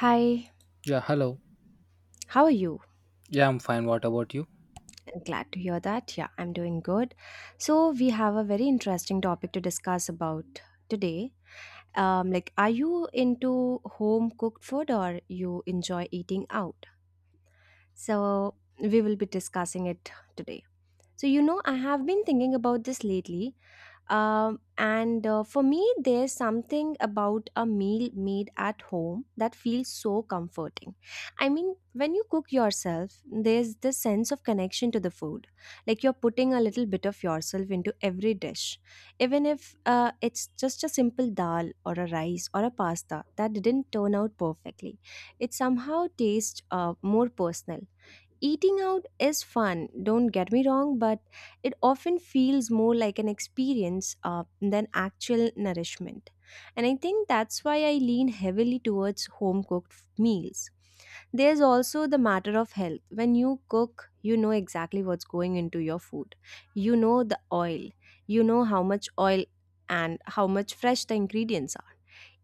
Hi, Yeah, hello. how are you? Yeah, I'm fine. What about you? I'm glad to hear that. Yeah, I'm doing good. So, we have a very interesting topic to discuss about today. Are you into home cooked food or you enjoy eating out? So, we will be discussing it today. So, I have been thinking about this lately. And For me, there's something about a meal made at home that feels so comforting. I mean, when you cook yourself, there's this sense of connection to the food. Like you're putting a little bit of yourself into every dish. Even if it's just a simple dal or a rice or a pasta that didn't turn out perfectly, it somehow tastes more personal. Eating out is fun, don't get me wrong, but it often feels more like an experience than actual nourishment. And I think that's why I lean heavily towards home cooked meals. There's also the matter of health. When you cook, you know exactly what's going into your food. You know the oil, you know how much oil and how much fresh the ingredients are.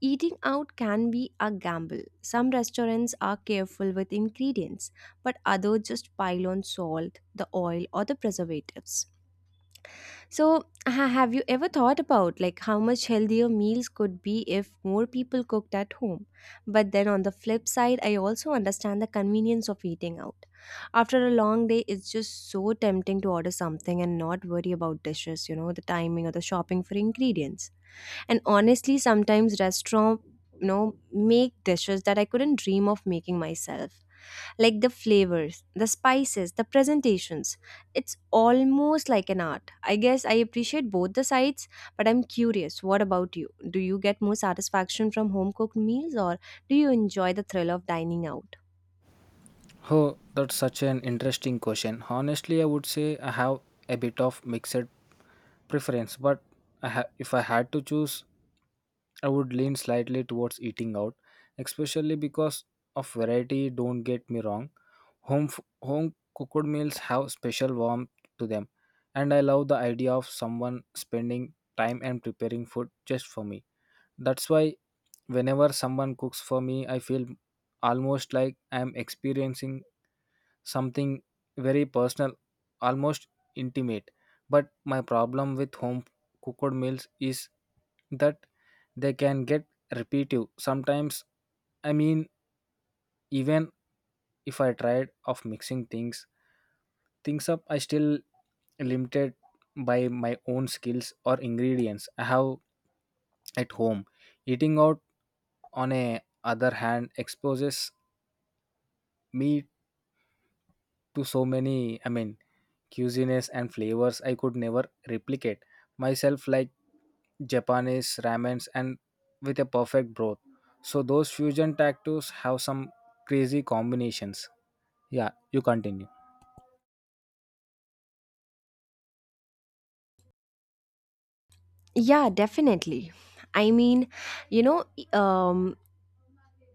Eating out can be a gamble. Some restaurants are careful with ingredients but others just pile on salt, the oil, or the preservatives. So, have you ever thought about like how much healthier meals could be if more people cooked at home? But then on the flip side, I also understand the convenience of eating out. After a long day, it's just so tempting to order something and not worry about dishes, you know, the timing or the shopping for ingredients. And honestly, sometimes restaurant you know make dishes that I couldn't dream of making myself, like the flavors, the spices, the presentations. It's almost like an art. I guess I appreciate both the sides, but I'm curious, what about you? Do you get more satisfaction from home cooked meals or do you enjoy the thrill of dining out? Oh, that's such an interesting question. Honestly, I would say I have a bit of mixed preference, but if I had to choose, I would lean slightly towards eating out, especially because of variety. Don't get me wrong. Home cooked meals have special warmth to them, and I love the idea of someone spending time and preparing food just for me. That's why whenever someone cooks for me, I feel almost like I am experiencing something very personal, almost intimate. But my problem with home cooked meals is that they can get repetitive. Sometimes, I mean, even if I tried of mixing things up, I still limited by my own skills or ingredients I have at home. Eating out on a other hand exposes me to so many, I mean, cuisines and flavors I could never replicate myself, like Japanese ramens and with a perfect broth, so those fusion tacos have some crazy combinations. Yeah, you continue. Yeah, definitely. I mean, you know, um,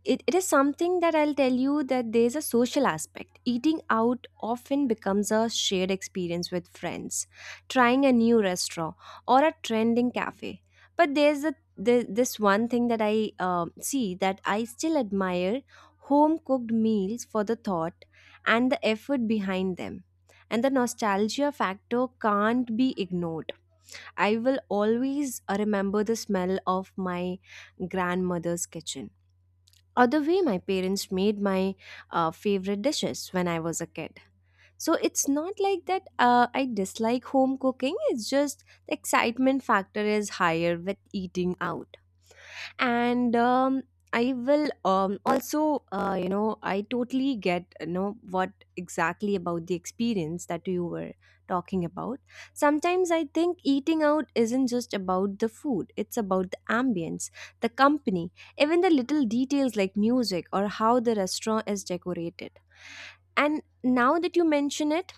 it is something that I'll tell you that there's a social aspect. Eating out often becomes a shared experience with friends, trying a new restaurant or a trending cafe. But this one thing that I see that I still admire home cooked meals for the thought and the effort behind them. And the nostalgia factor can't be ignored. I will always remember the smell of my grandmother's kitchen or the way my parents made my favorite dishes when I was a kid. So it's not like that I dislike home cooking, it's just the excitement factor is higher with eating out and I will also you know I totally get what exactly about the experience that you were talking about. Sometimes I think eating out isn't just about the food, it's about the ambience, the company, even the little details like music or how the restaurant is decorated. And now that you mention it,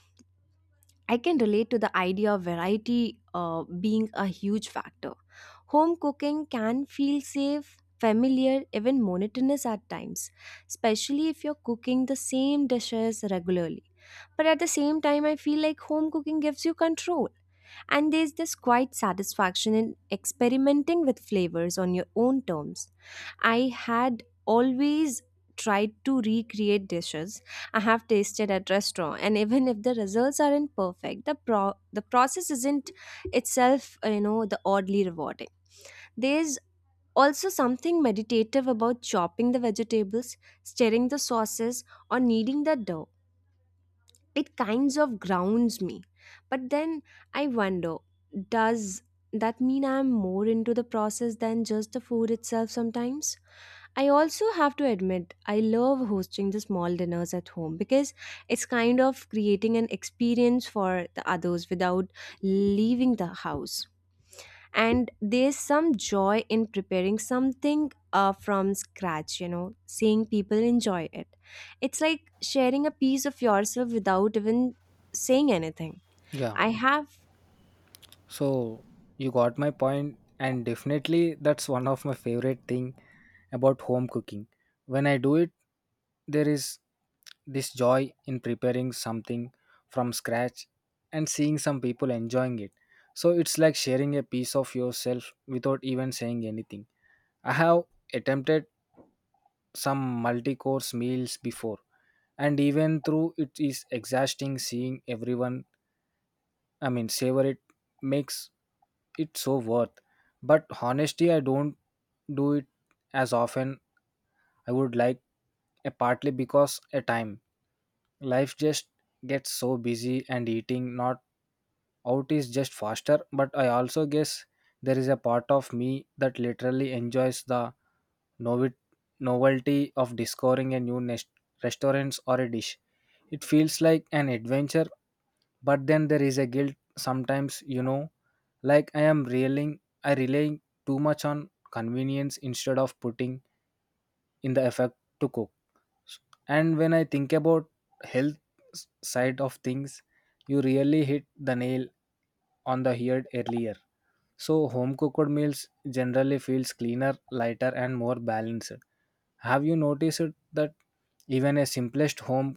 I can relate to the idea of variety being a huge factor. Home cooking can feel safe, familiar, even monotonous at times, especially if you're cooking the same dishes regularly. But at the same time, I feel like home cooking gives you control. And there's this quite satisfaction in experimenting with flavors on your own terms. I had always tried to recreate dishes I have tasted at restaurant, and even if the results aren't perfect, the the process isn't itself, the oddly rewarding. There's also something meditative about chopping the vegetables, stirring the sauces, or kneading the dough. It kinds of grounds me. But then I wonder, does that mean I'm more into the process than just the food itself? Sometimes I also have to admit, I love hosting the small dinners at home because it's kind of creating an experience for the others without leaving the house. And there's some joy in preparing something from scratch, seeing people enjoy it. It's like sharing a piece of yourself without even saying anything. Yeah. I have. So you got my point, and definitely that's one of my favorite thing about home cooking. When I do it, there is this joy in preparing something from scratch and seeing some people enjoying it. So it's like sharing a piece of yourself without even saying anything. I have attempted some multi-course meals before, and even through it is exhausting seeing everyone, I mean, savor it, makes it's so worth. But honestly, I don't do it as often I would like, partly because a time. Life just gets so busy and eating not out is just faster, but I also guess there is a part of me that literally enjoys the novi- novelty of discovering a new restaurants or a dish. It feels like an adventure, but then there is a guilt sometimes, you know, like I am reeling I relying too much on convenience instead of putting in the effort to cook. And when I think about health side of things, you really hit the nail on the head earlier. So home cooked meals generally feels cleaner, lighter, and more balanced. Have you noticed that even a simplest home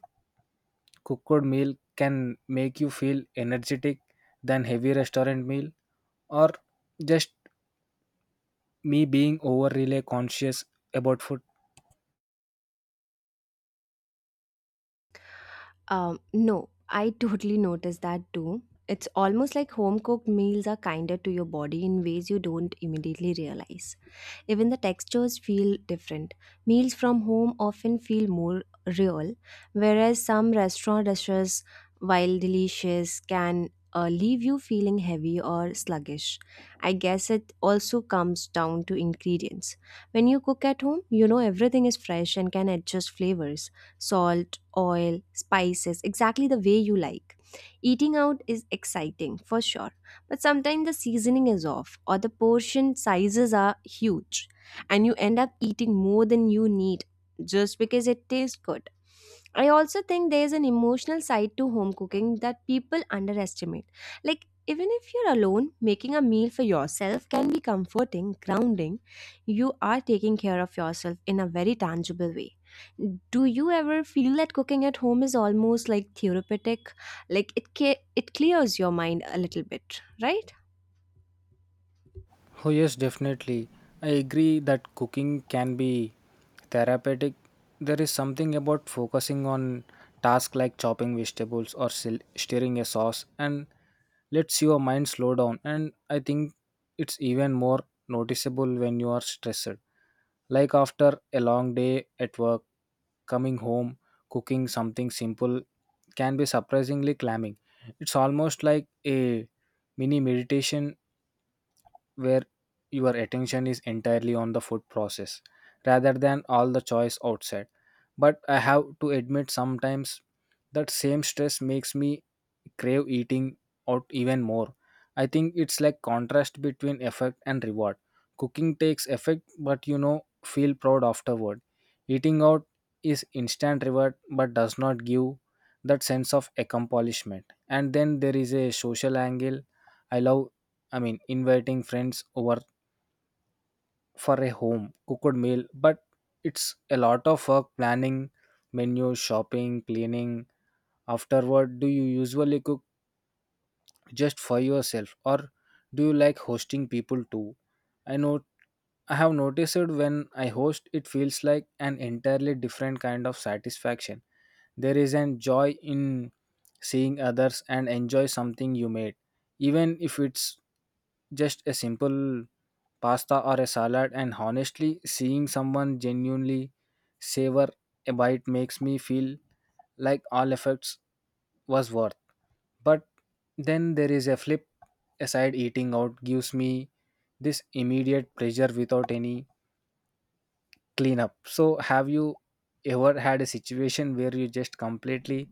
cooked meal can make you feel energetic than heavy restaurant meal, or just me being overly conscious about food? No, I totally noticed that too. It's almost like home cooked meals are kinder to your body in ways you don't immediately realize. Even the textures feel different. Meals from home often feel more real, whereas some restaurant dishes, while delicious, can leave you feeling heavy or sluggish. I guess it also comes down to ingredients. When you cook at home, you know everything is fresh and can adjust flavors, salt, oil, spices, exactly the way you like. Eating out is exciting for sure, but sometimes the seasoning is off or the portion sizes are huge, and you end up eating more than you need just because it tastes good. I also think there's an emotional side to home cooking that people underestimate. Like, even if you're alone, making a meal for yourself can be comforting, grounding. You are taking care of yourself in a very tangible way. Do you ever feel that cooking at home is almost like therapeutic, like it clears your mind a little bit, right? Oh yes, definitely. I agree that cooking can be therapeutic. There is something about focusing on tasks like chopping vegetables or stirring a sauce, and lets your mind slow down. And I think it's even more noticeable when you are stressed, like after a long day at work, coming home, cooking something simple can be surprisingly calming. It's almost like a mini meditation where your attention is entirely on the food process rather than all the choice outside. But I have to admit, sometimes that same stress makes me crave eating out even more. I think it's like contrast between effect and reward. Cooking takes effect, but you know, feel proud afterward. Eating out is instant reward but does not give that sense of accomplishment. And then there is a social angle. I love, I mean, inviting friends over for a home cooked meal, but it's a lot of work planning, menu, shopping, cleaning. Afterward, do you usually cook just for yourself, or do you like hosting people too? I know I have noticed it when I host, it feels like an entirely different kind of satisfaction. There is an joy in seeing others and enjoy something you made, even if it's just a simple pasta or a salad, and honestly seeing someone genuinely savor a bite makes me feel like all efforts was worth. But then there is a flip aside eating out gives me this immediate pleasure without any cleanup. So have you ever had a situation where you just completely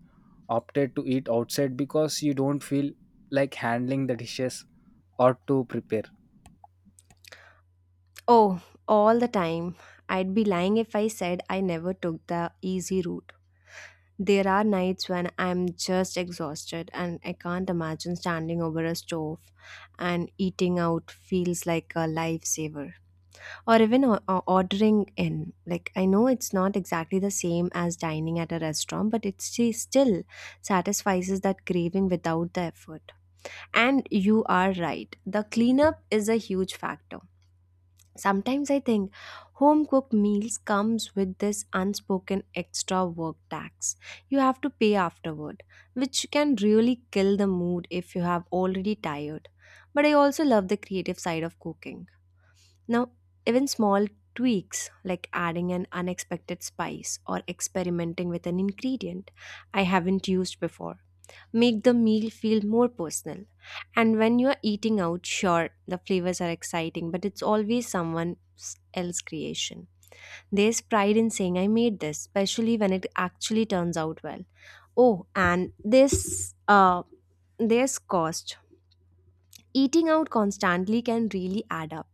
opted to eat outside because you don't feel like handling the dishes or to prepare? Oh, all the time. I'd be lying if I said I never took the easy route. There are nights when I'm just exhausted and I can't imagine standing over a stove, and eating out feels like a lifesaver, or even ordering in. Like, I know it's not exactly the same as dining at a restaurant, but it still satisfies that craving without the effort. And you are right, the cleanup is a huge factor. Sometimes I think home cooked meals comes with this unspoken extra work tax you have to pay afterward, which can really kill the mood if you have already tired. But I also love the creative side of cooking now, even small tweaks like adding an unexpected spice or experimenting with an ingredient I haven't used before make the meal feel more personal. And when you're eating out, sure, the flavors are exciting, but it's always someone else's creation. There's pride in saying I made this, especially when it actually turns out well. Oh, and this there's cost. Eating out constantly can really add up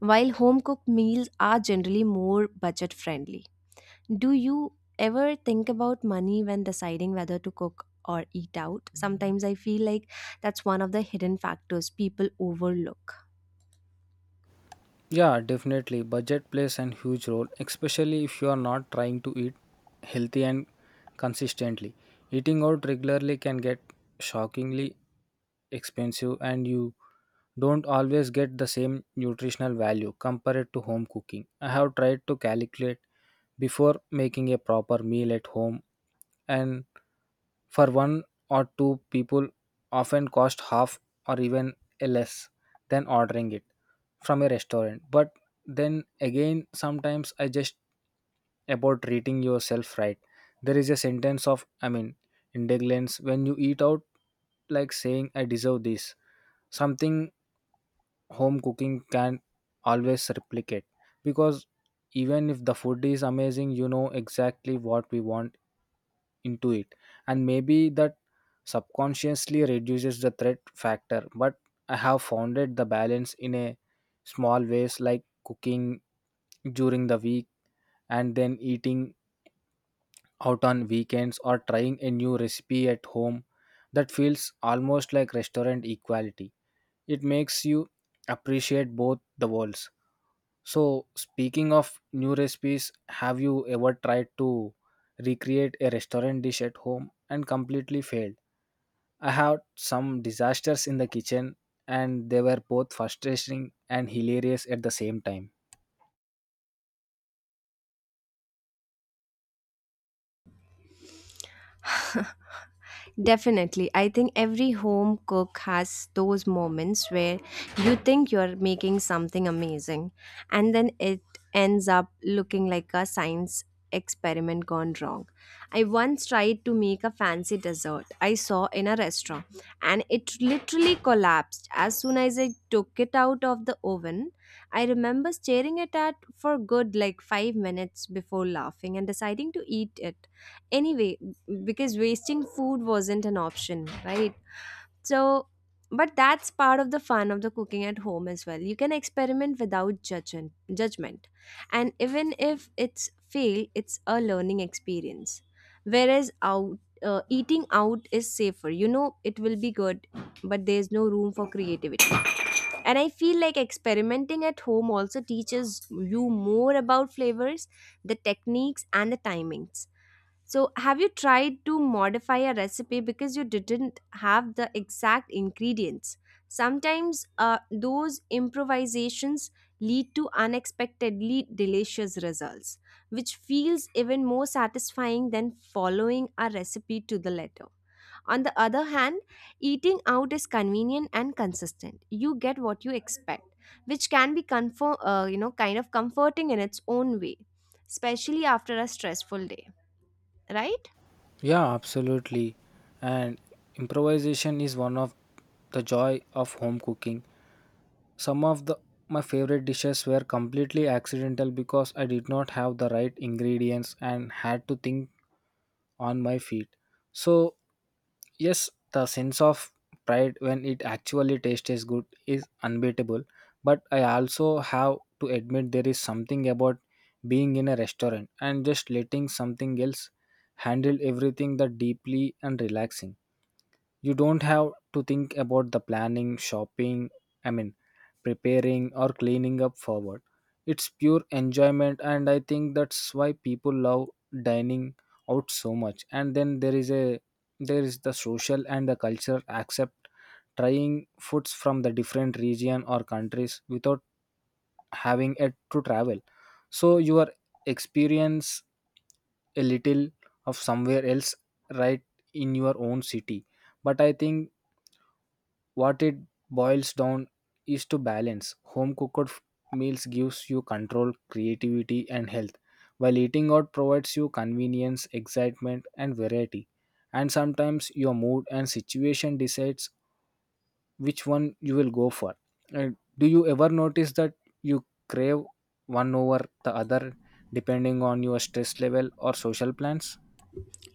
while home cooked meals are generally more budget friendly. Do you ever think about money when deciding whether to cook or eat out? Sometimes I feel like that's one of the hidden factors people overlook. Yeah, definitely. Budget plays a huge role, especially if you are not trying to eat healthy and consistently. Eating out regularly can get shockingly expensive, and you don't always get the same nutritional value compared to home cooking. I have tried to calculate before making a proper meal at home, and for one or two people often cost half or even a less than ordering it from a restaurant. But then again, sometimes I just about treating yourself right. There is a sentence of, I mean, indulgence when you eat out, like saying, I deserve this. Something home cooking can always replicate because even if the food is amazing, you know exactly what we want into it. And maybe that subconsciously reduces the threat factor, but I have found it the balance in a small ways, like cooking during the week and then eating out on weekends, or trying a new recipe at home that feels almost like restaurant equality. It makes you appreciate both the worlds. So, speaking of new recipes, have you ever tried to recreate a restaurant dish at home and completely failed? I had some disasters in the kitchen, and they were both frustrating and hilarious at the same time. Definitely. I think every home cook has those moments where you think you're making something amazing and then it ends up looking like a science experiment gone wrong. I once tried to make a fancy dessert I saw in a restaurant and it literally collapsed as soon as I took it out of the oven. I remember staring at it for good like 5 minutes before laughing and deciding to eat it anyway, because wasting food wasn't an option, right? So, but that's part of the fun of the cooking at home as well. You can experiment without judgment. And even if it's fail, it's a learning experience, whereas out eating out is safer, you know it will be good, but there's no room for creativity. And I feel like experimenting at home also teaches you more about flavors, the techniques and the timings. So, have you tried to modify a recipe because you didn't have the exact ingredients? Sometimes those improvisations lead to unexpectedly delicious results, which feels even more satisfying than following a recipe to the letter. On the other hand, eating out is convenient and consistent. You get what you expect, which can be kind of comforting in its own way, especially after a stressful day, right? Yeah, absolutely. And improvisation is one of the joy of home cooking. Some of the my favorite dishes were completely accidental because I did not have the right ingredients and had to think on my feet. So, yes, the sense of pride when it actually tastes good is unbeatable, but I also have to admit there is something about being in a restaurant and just letting something else handle everything that deeply and relaxing. You don't have to think about the planning, shopping, I mean, preparing or cleaning up forward. It's pure enjoyment, and I think that's why people love dining out so much. And then there is the social and the cultural accept trying foods from the different region or countries without having it to travel. So you are experience a little of somewhere else, right, in your own city. But I think what it boils down is to balance. Home cooked meals gives you control, creativity, and health, while eating out provides you convenience, excitement, and variety. And sometimes your mood and situation decides which one you will go for. And do you ever notice that you crave one over the other depending on your stress level or social plans?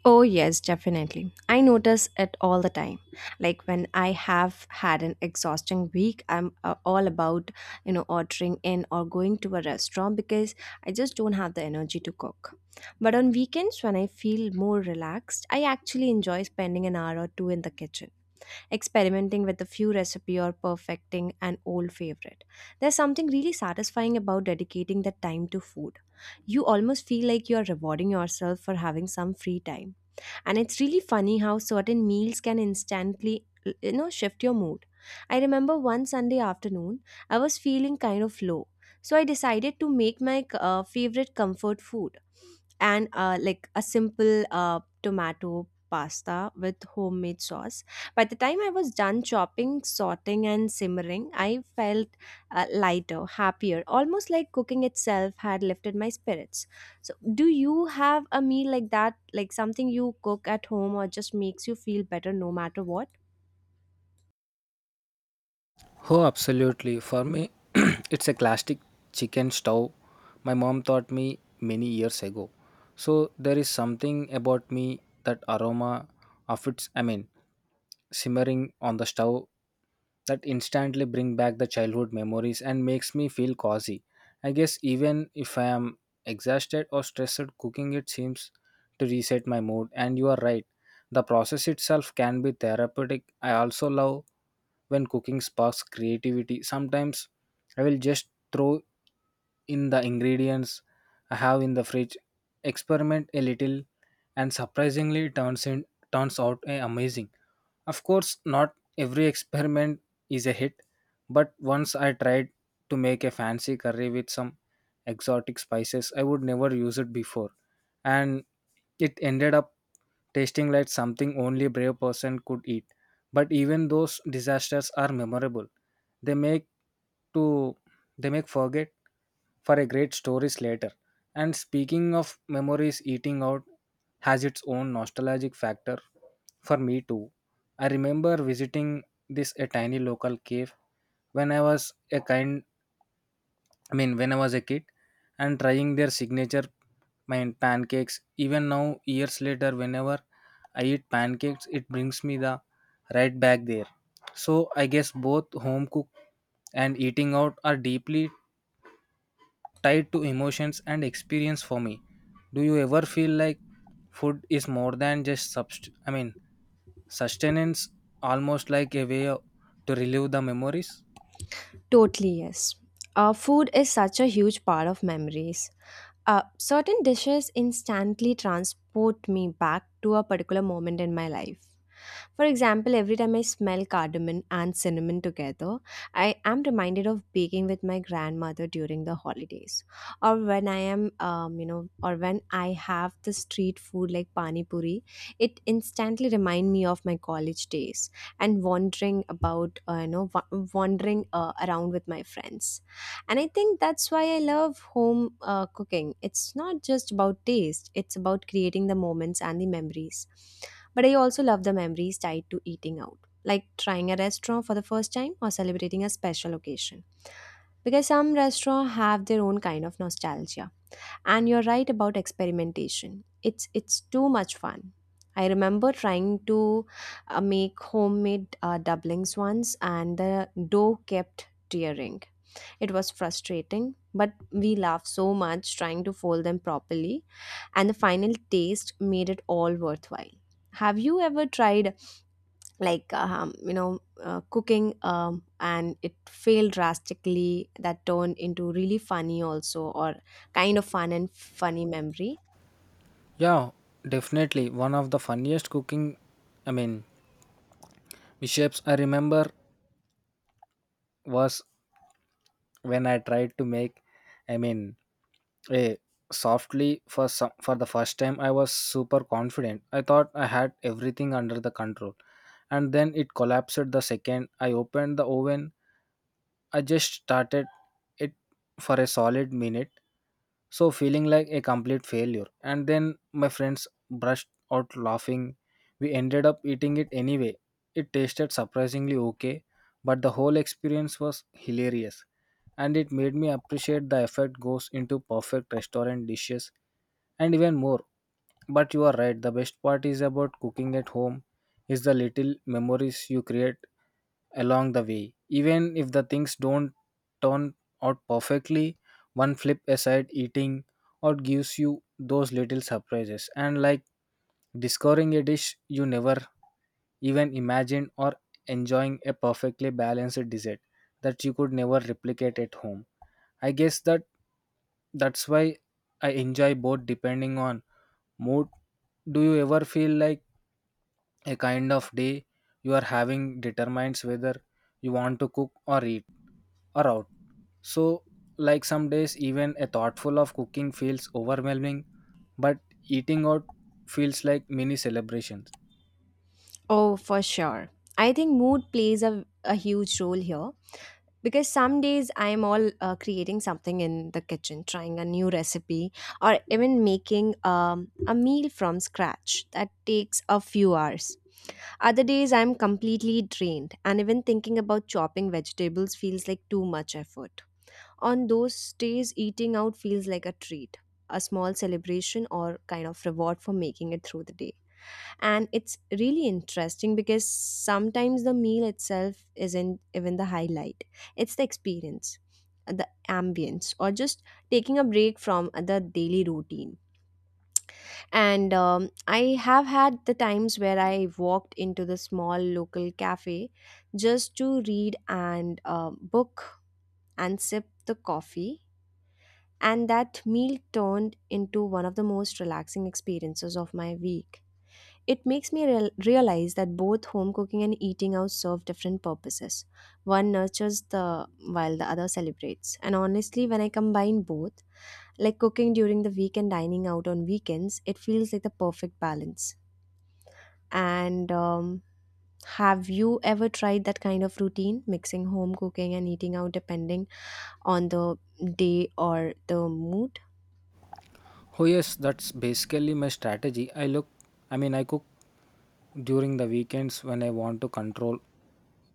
Oh, yes, definitely. I notice it all the time. Like when I have had an exhausting week, I'm all about, ordering in or going to a restaurant because I just don't have the energy to cook. But on weekends, when I feel more relaxed, I actually enjoy spending an hour or two in the kitchen, experimenting with a few recipe or perfecting an old favorite. There's something really satisfying about dedicating that time to food. You almost feel like you're rewarding yourself for having some free time. And it's really funny how certain meals can instantly shift your mood. I remember one Sunday afternoon, I was feeling kind of low, so I decided to make my favorite comfort food, and like a simple tomato pasta with homemade sauce. By the time I was done chopping, sorting and simmering, I felt lighter, happier, almost like cooking itself had lifted my spirits. So, do you have a meal like that, like something you cook at home or just makes you feel better no matter what? Oh, absolutely. For me, it's a classic chicken stove my mom taught me many years ago. So there is something about me that aroma of its, I mean, simmering on the stove that instantly bring back the childhood memories and makes me feel cozy. I guess even if I am exhausted or stressed, cooking it seems to reset my mood. And you are right, the process itself can be therapeutic. I also love when cooking sparks creativity. Sometimes I will just throw in the ingredients I have in the fridge, experiment a little, and surprisingly it turns out amazing. Of course, not every experiment is a hit, but once I tried to make a fancy curry with some exotic spices I would never use it before, and it ended up tasting like something only a brave person could eat. But even those disasters are memorable. They make to they make forget for a great stories later. And speaking of memories, eating out has its own nostalgic factor for me too. I remember visiting this a tiny local cave when I mean when I was a kid and trying their signature mine pancakes. Even now years later, whenever I eat pancakes, it brings me the right back there. So I guess both home cook and eating out are deeply tied to emotions and experience for me. Do you ever feel like food is more than just I mean sustenance, almost like a way to relive the memories? Totally, yes. Food is such a huge part of memories. Certain dishes instantly transport me back to a particular moment in my life. For example, every time I smell cardamom and cinnamon together, I am reminded of baking with my grandmother during the holidays, or when I am, or when I have the street food like pani puri. It instantly remind me of my college days and wandering about, wandering around with my friends. And I think that's why I love home cooking. It's not just about taste, it's about creating the moments and the memories. But I also love the memories tied to eating out, like trying a restaurant for the first time or celebrating a special occasion. Because some restaurants have their own kind of nostalgia. And you're right about experimentation. It's too much fun. I remember trying to make homemade doublings once, and the dough kept tearing it was frustrating, but we laughed so much trying to fold them properly, and the final taste made it all worthwhile. Have you ever tried, cooking and it failed drastically that turned into really funny, also, or kind of fun and funny memory? Yeah, definitely. One of the funniest cooking, I mean, mishaps I remember was when I tried to make, I mean, a softly for the first time. I was super confident. I thought I had everything under the control, and then it collapsed the second I opened the oven. I just started it for a solid minute, so feeling like a complete failure. And then my friends brushed out laughing. We ended up eating it anyway. It tasted surprisingly okay, but the whole experience was hilarious. And it made me appreciate the effort goes into perfect restaurant dishes and even more. But you are right, the best part is about cooking at home is the little memories you create along the way. Even if the things don't turn out perfectly, one flip aside eating or gives you those little surprises and like discovering a dish you never even imagined or enjoying a perfectly balanced dessert that you could never replicate at home. I guess that's why I enjoy both depending on mood. Do you ever feel like a kind of day you are having determines whether you want to cook or eat or out? So like some days even a thoughtful of cooking feels overwhelming, but eating out feels like mini celebration. Oh, for sure. I think mood plays a huge role here because some days I'm all creating something in the kitchen, trying a new recipe, or even making a meal from scratch that takes a few hours. Other days I'm completely drained, and even thinking about chopping vegetables feels like too much effort. On those days, eating out feels like a treat, a small celebration, or kind of reward for making it through the day, and it's really interesting because sometimes the meal itself isn't even the highlight. It's the experience, the ambience, or just taking a break from the daily routine. And I have had the times where I walked into the small local cafe just to read and book and sip the coffee, and that meal turned into one of the most relaxing experiences of my week. It makes me realize that both home cooking and eating out serve different purposes. One nurtures the while the other celebrates. And honestly, when I combine both, like cooking during the week and dining out on weekends, it feels like the perfect balance. And have you ever tried that kind of routine, mixing home cooking and eating out depending on the day or the mood? Oh yes, that's basically my strategy. I look, I mean, I cook during the weekends when I want to control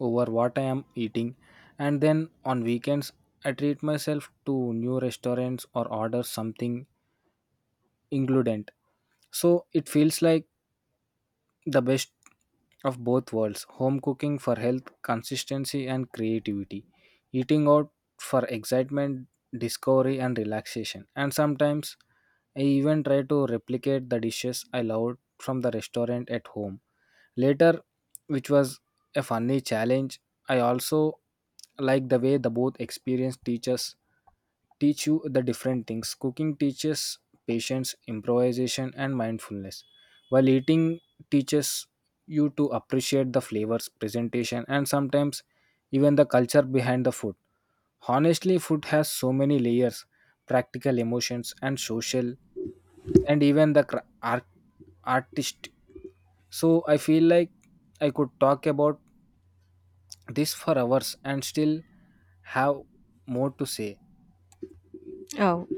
over what I am eating, and then on weekends I treat myself to new restaurants or order something included. So it feels like the best of both worlds, home cooking for health, consistency, and creativity, eating out for excitement, discovery, and relaxation. And sometimes I even try to replicate the dishes I loved from the restaurant at home later, which was a funny challenge. I also like the way the both experienced teachers teach you the different things. Cooking teaches patience, improvisation, and mindfulness, while eating teaches you to appreciate the flavors, presentation, and sometimes even the culture behind the food. Honestly, food has so many layers, practical emotions and social, and even the artist, so I feel like I could talk about this for hours and still have more to say. Oh,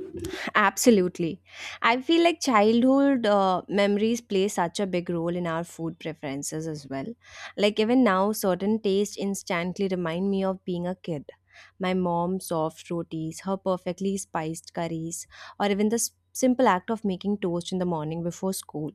Absolutely. I feel like childhood memories play such a big role in our food preferences as well. Like, even now, certain tastes instantly remind me of being a kid. My mom's soft rotis, her perfectly spiced curries, or even the simple act of making toast in the morning before school.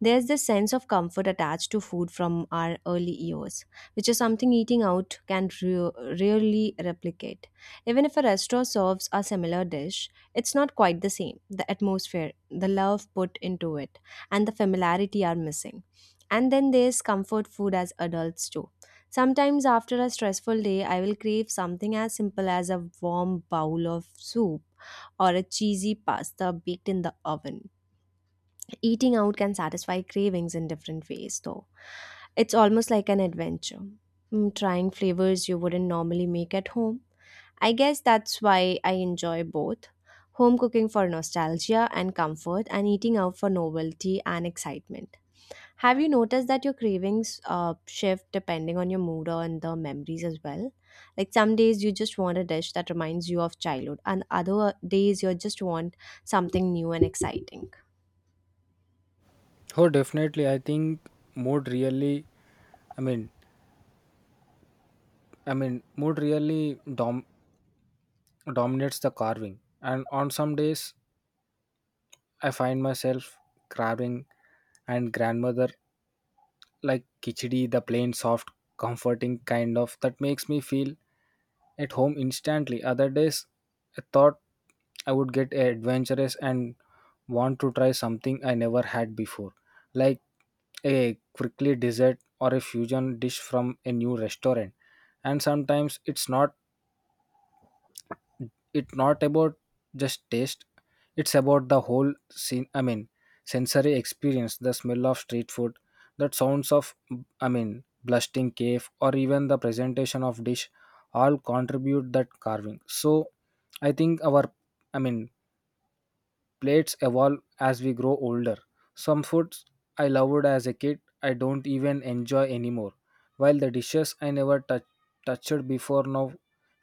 There's this sense of comfort attached to food from our early years, which is something eating out can rarely replicate. Even if a restaurant serves a similar dish, it's not quite the same. The atmosphere, the love put into it, and the familiarity are missing. And then there's comfort food as adults too. Sometimes after a stressful day, I will crave something as simple as a warm bowl of soup or a cheesy pasta baked in the oven. Eating out can satisfy cravings in different ways, though. It's almost like an adventure. Mm, trying flavors you wouldn't normally make at home. I guess that's why I enjoy both, home cooking for nostalgia and comfort, and eating out for novelty and excitement. Have you noticed that your cravings shift depending on your mood or and the memories as well? Like some days you just want a dish that reminds you of childhood, and other days you just want something new and exciting. Oh, definitely. I think mood really, I mean, I mean, mood really dominates the carving. And on some days, I find myself carving and grandmother like khichdi, the plain, soft, comforting kind of that makes me feel at home instantly. Other days, I thought I would get adventurous and want to try something I never had before, like a quickly dessert or a fusion dish from a new restaurant. And sometimes it's not about just taste, it's about the whole scene, I mean sensory experience, the smell of street food, that sounds of, I mean, blasting cave or even the presentation of dish all contribute that carving. So I think our, I mean, plates evolve as we grow older. Some foods I loved as a kid I don't even enjoy anymore, while the dishes I never touched before now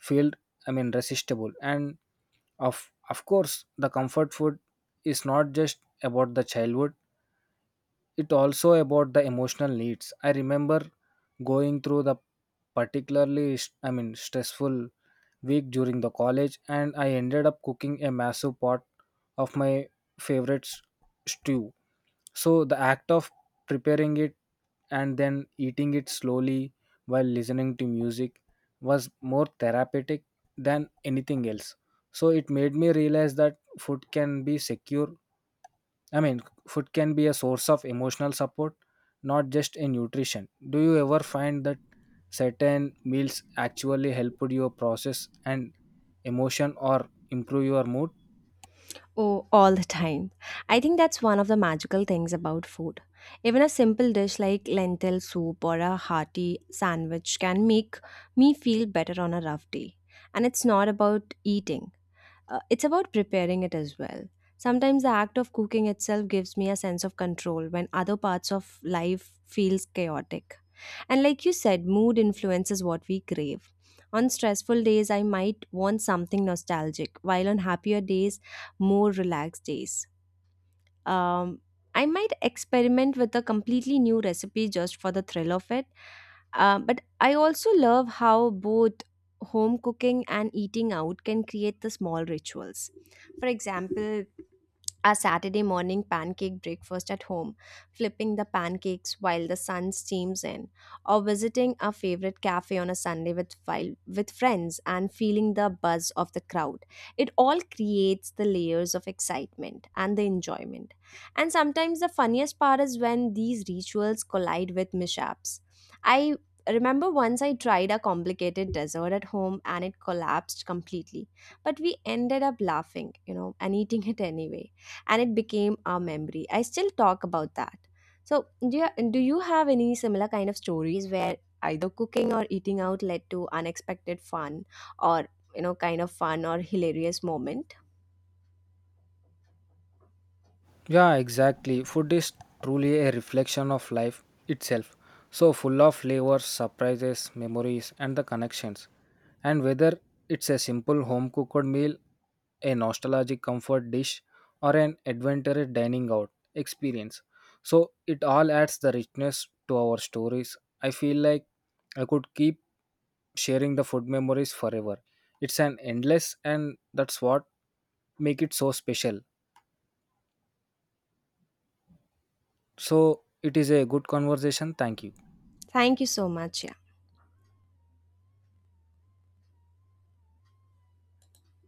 feel, I mean, resistible. And of course, the comfort food is not just about the childhood, it also about the emotional needs. I remember going through the particularly I mean stressful week during the college and I ended up cooking a massive pot of my favorite stew. So the act of preparing it and then eating it slowly while listening to music was more therapeutic than anything else. So it made me realize that food can be secure. I mean, food can be a source of emotional support, not just a nutrition. Do you ever find that certain meals actually helped your process and emotion or improve your mood? Oh, all the time. I think that's one of the magical things about food. Even a simple dish like lentil soup or a hearty sandwich can make me feel better on a rough day. And it's not about eating, it's about preparing it as well. Sometimes the act of cooking itself gives me a sense of control when other parts of life feels chaotic. And like you said, mood influences what we crave. On stressful days, I might want something nostalgic, while on happier days, more relaxed days. Um, I might experiment with a completely new recipe just for the thrill of it. But I also love how both home cooking and eating out can create the small rituals. For example, a Saturday morning pancake breakfast at home, flipping the pancakes while the sun steams in, or visiting a favorite cafe on a Sunday with with friends and feeling the buzz of the crowd. It all creates the layers of excitement and the enjoyment. And sometimes the funniest part is when these rituals collide with mishaps. I remember once I tried a complicated dessert at home and it collapsed completely, but we ended up laughing, and eating it anyway, and it became our memory. I still talk about that. So, do you have any similar kind of stories where either cooking or eating out led to unexpected fun or kind of fun or hilarious moment? Yeah, exactly. Food is truly a reflection of life itself. So full of flavors, surprises, memories, and the connections. And whether it's a simple home cooked meal, a nostalgic comfort dish, or an adventurous dining out experience. So it all adds the richness to our stories. I feel like I could keep sharing the food memories forever. It's an endless and that's what make it so special. So it is a good conversation. Thank you. Thank you so much. Yeah.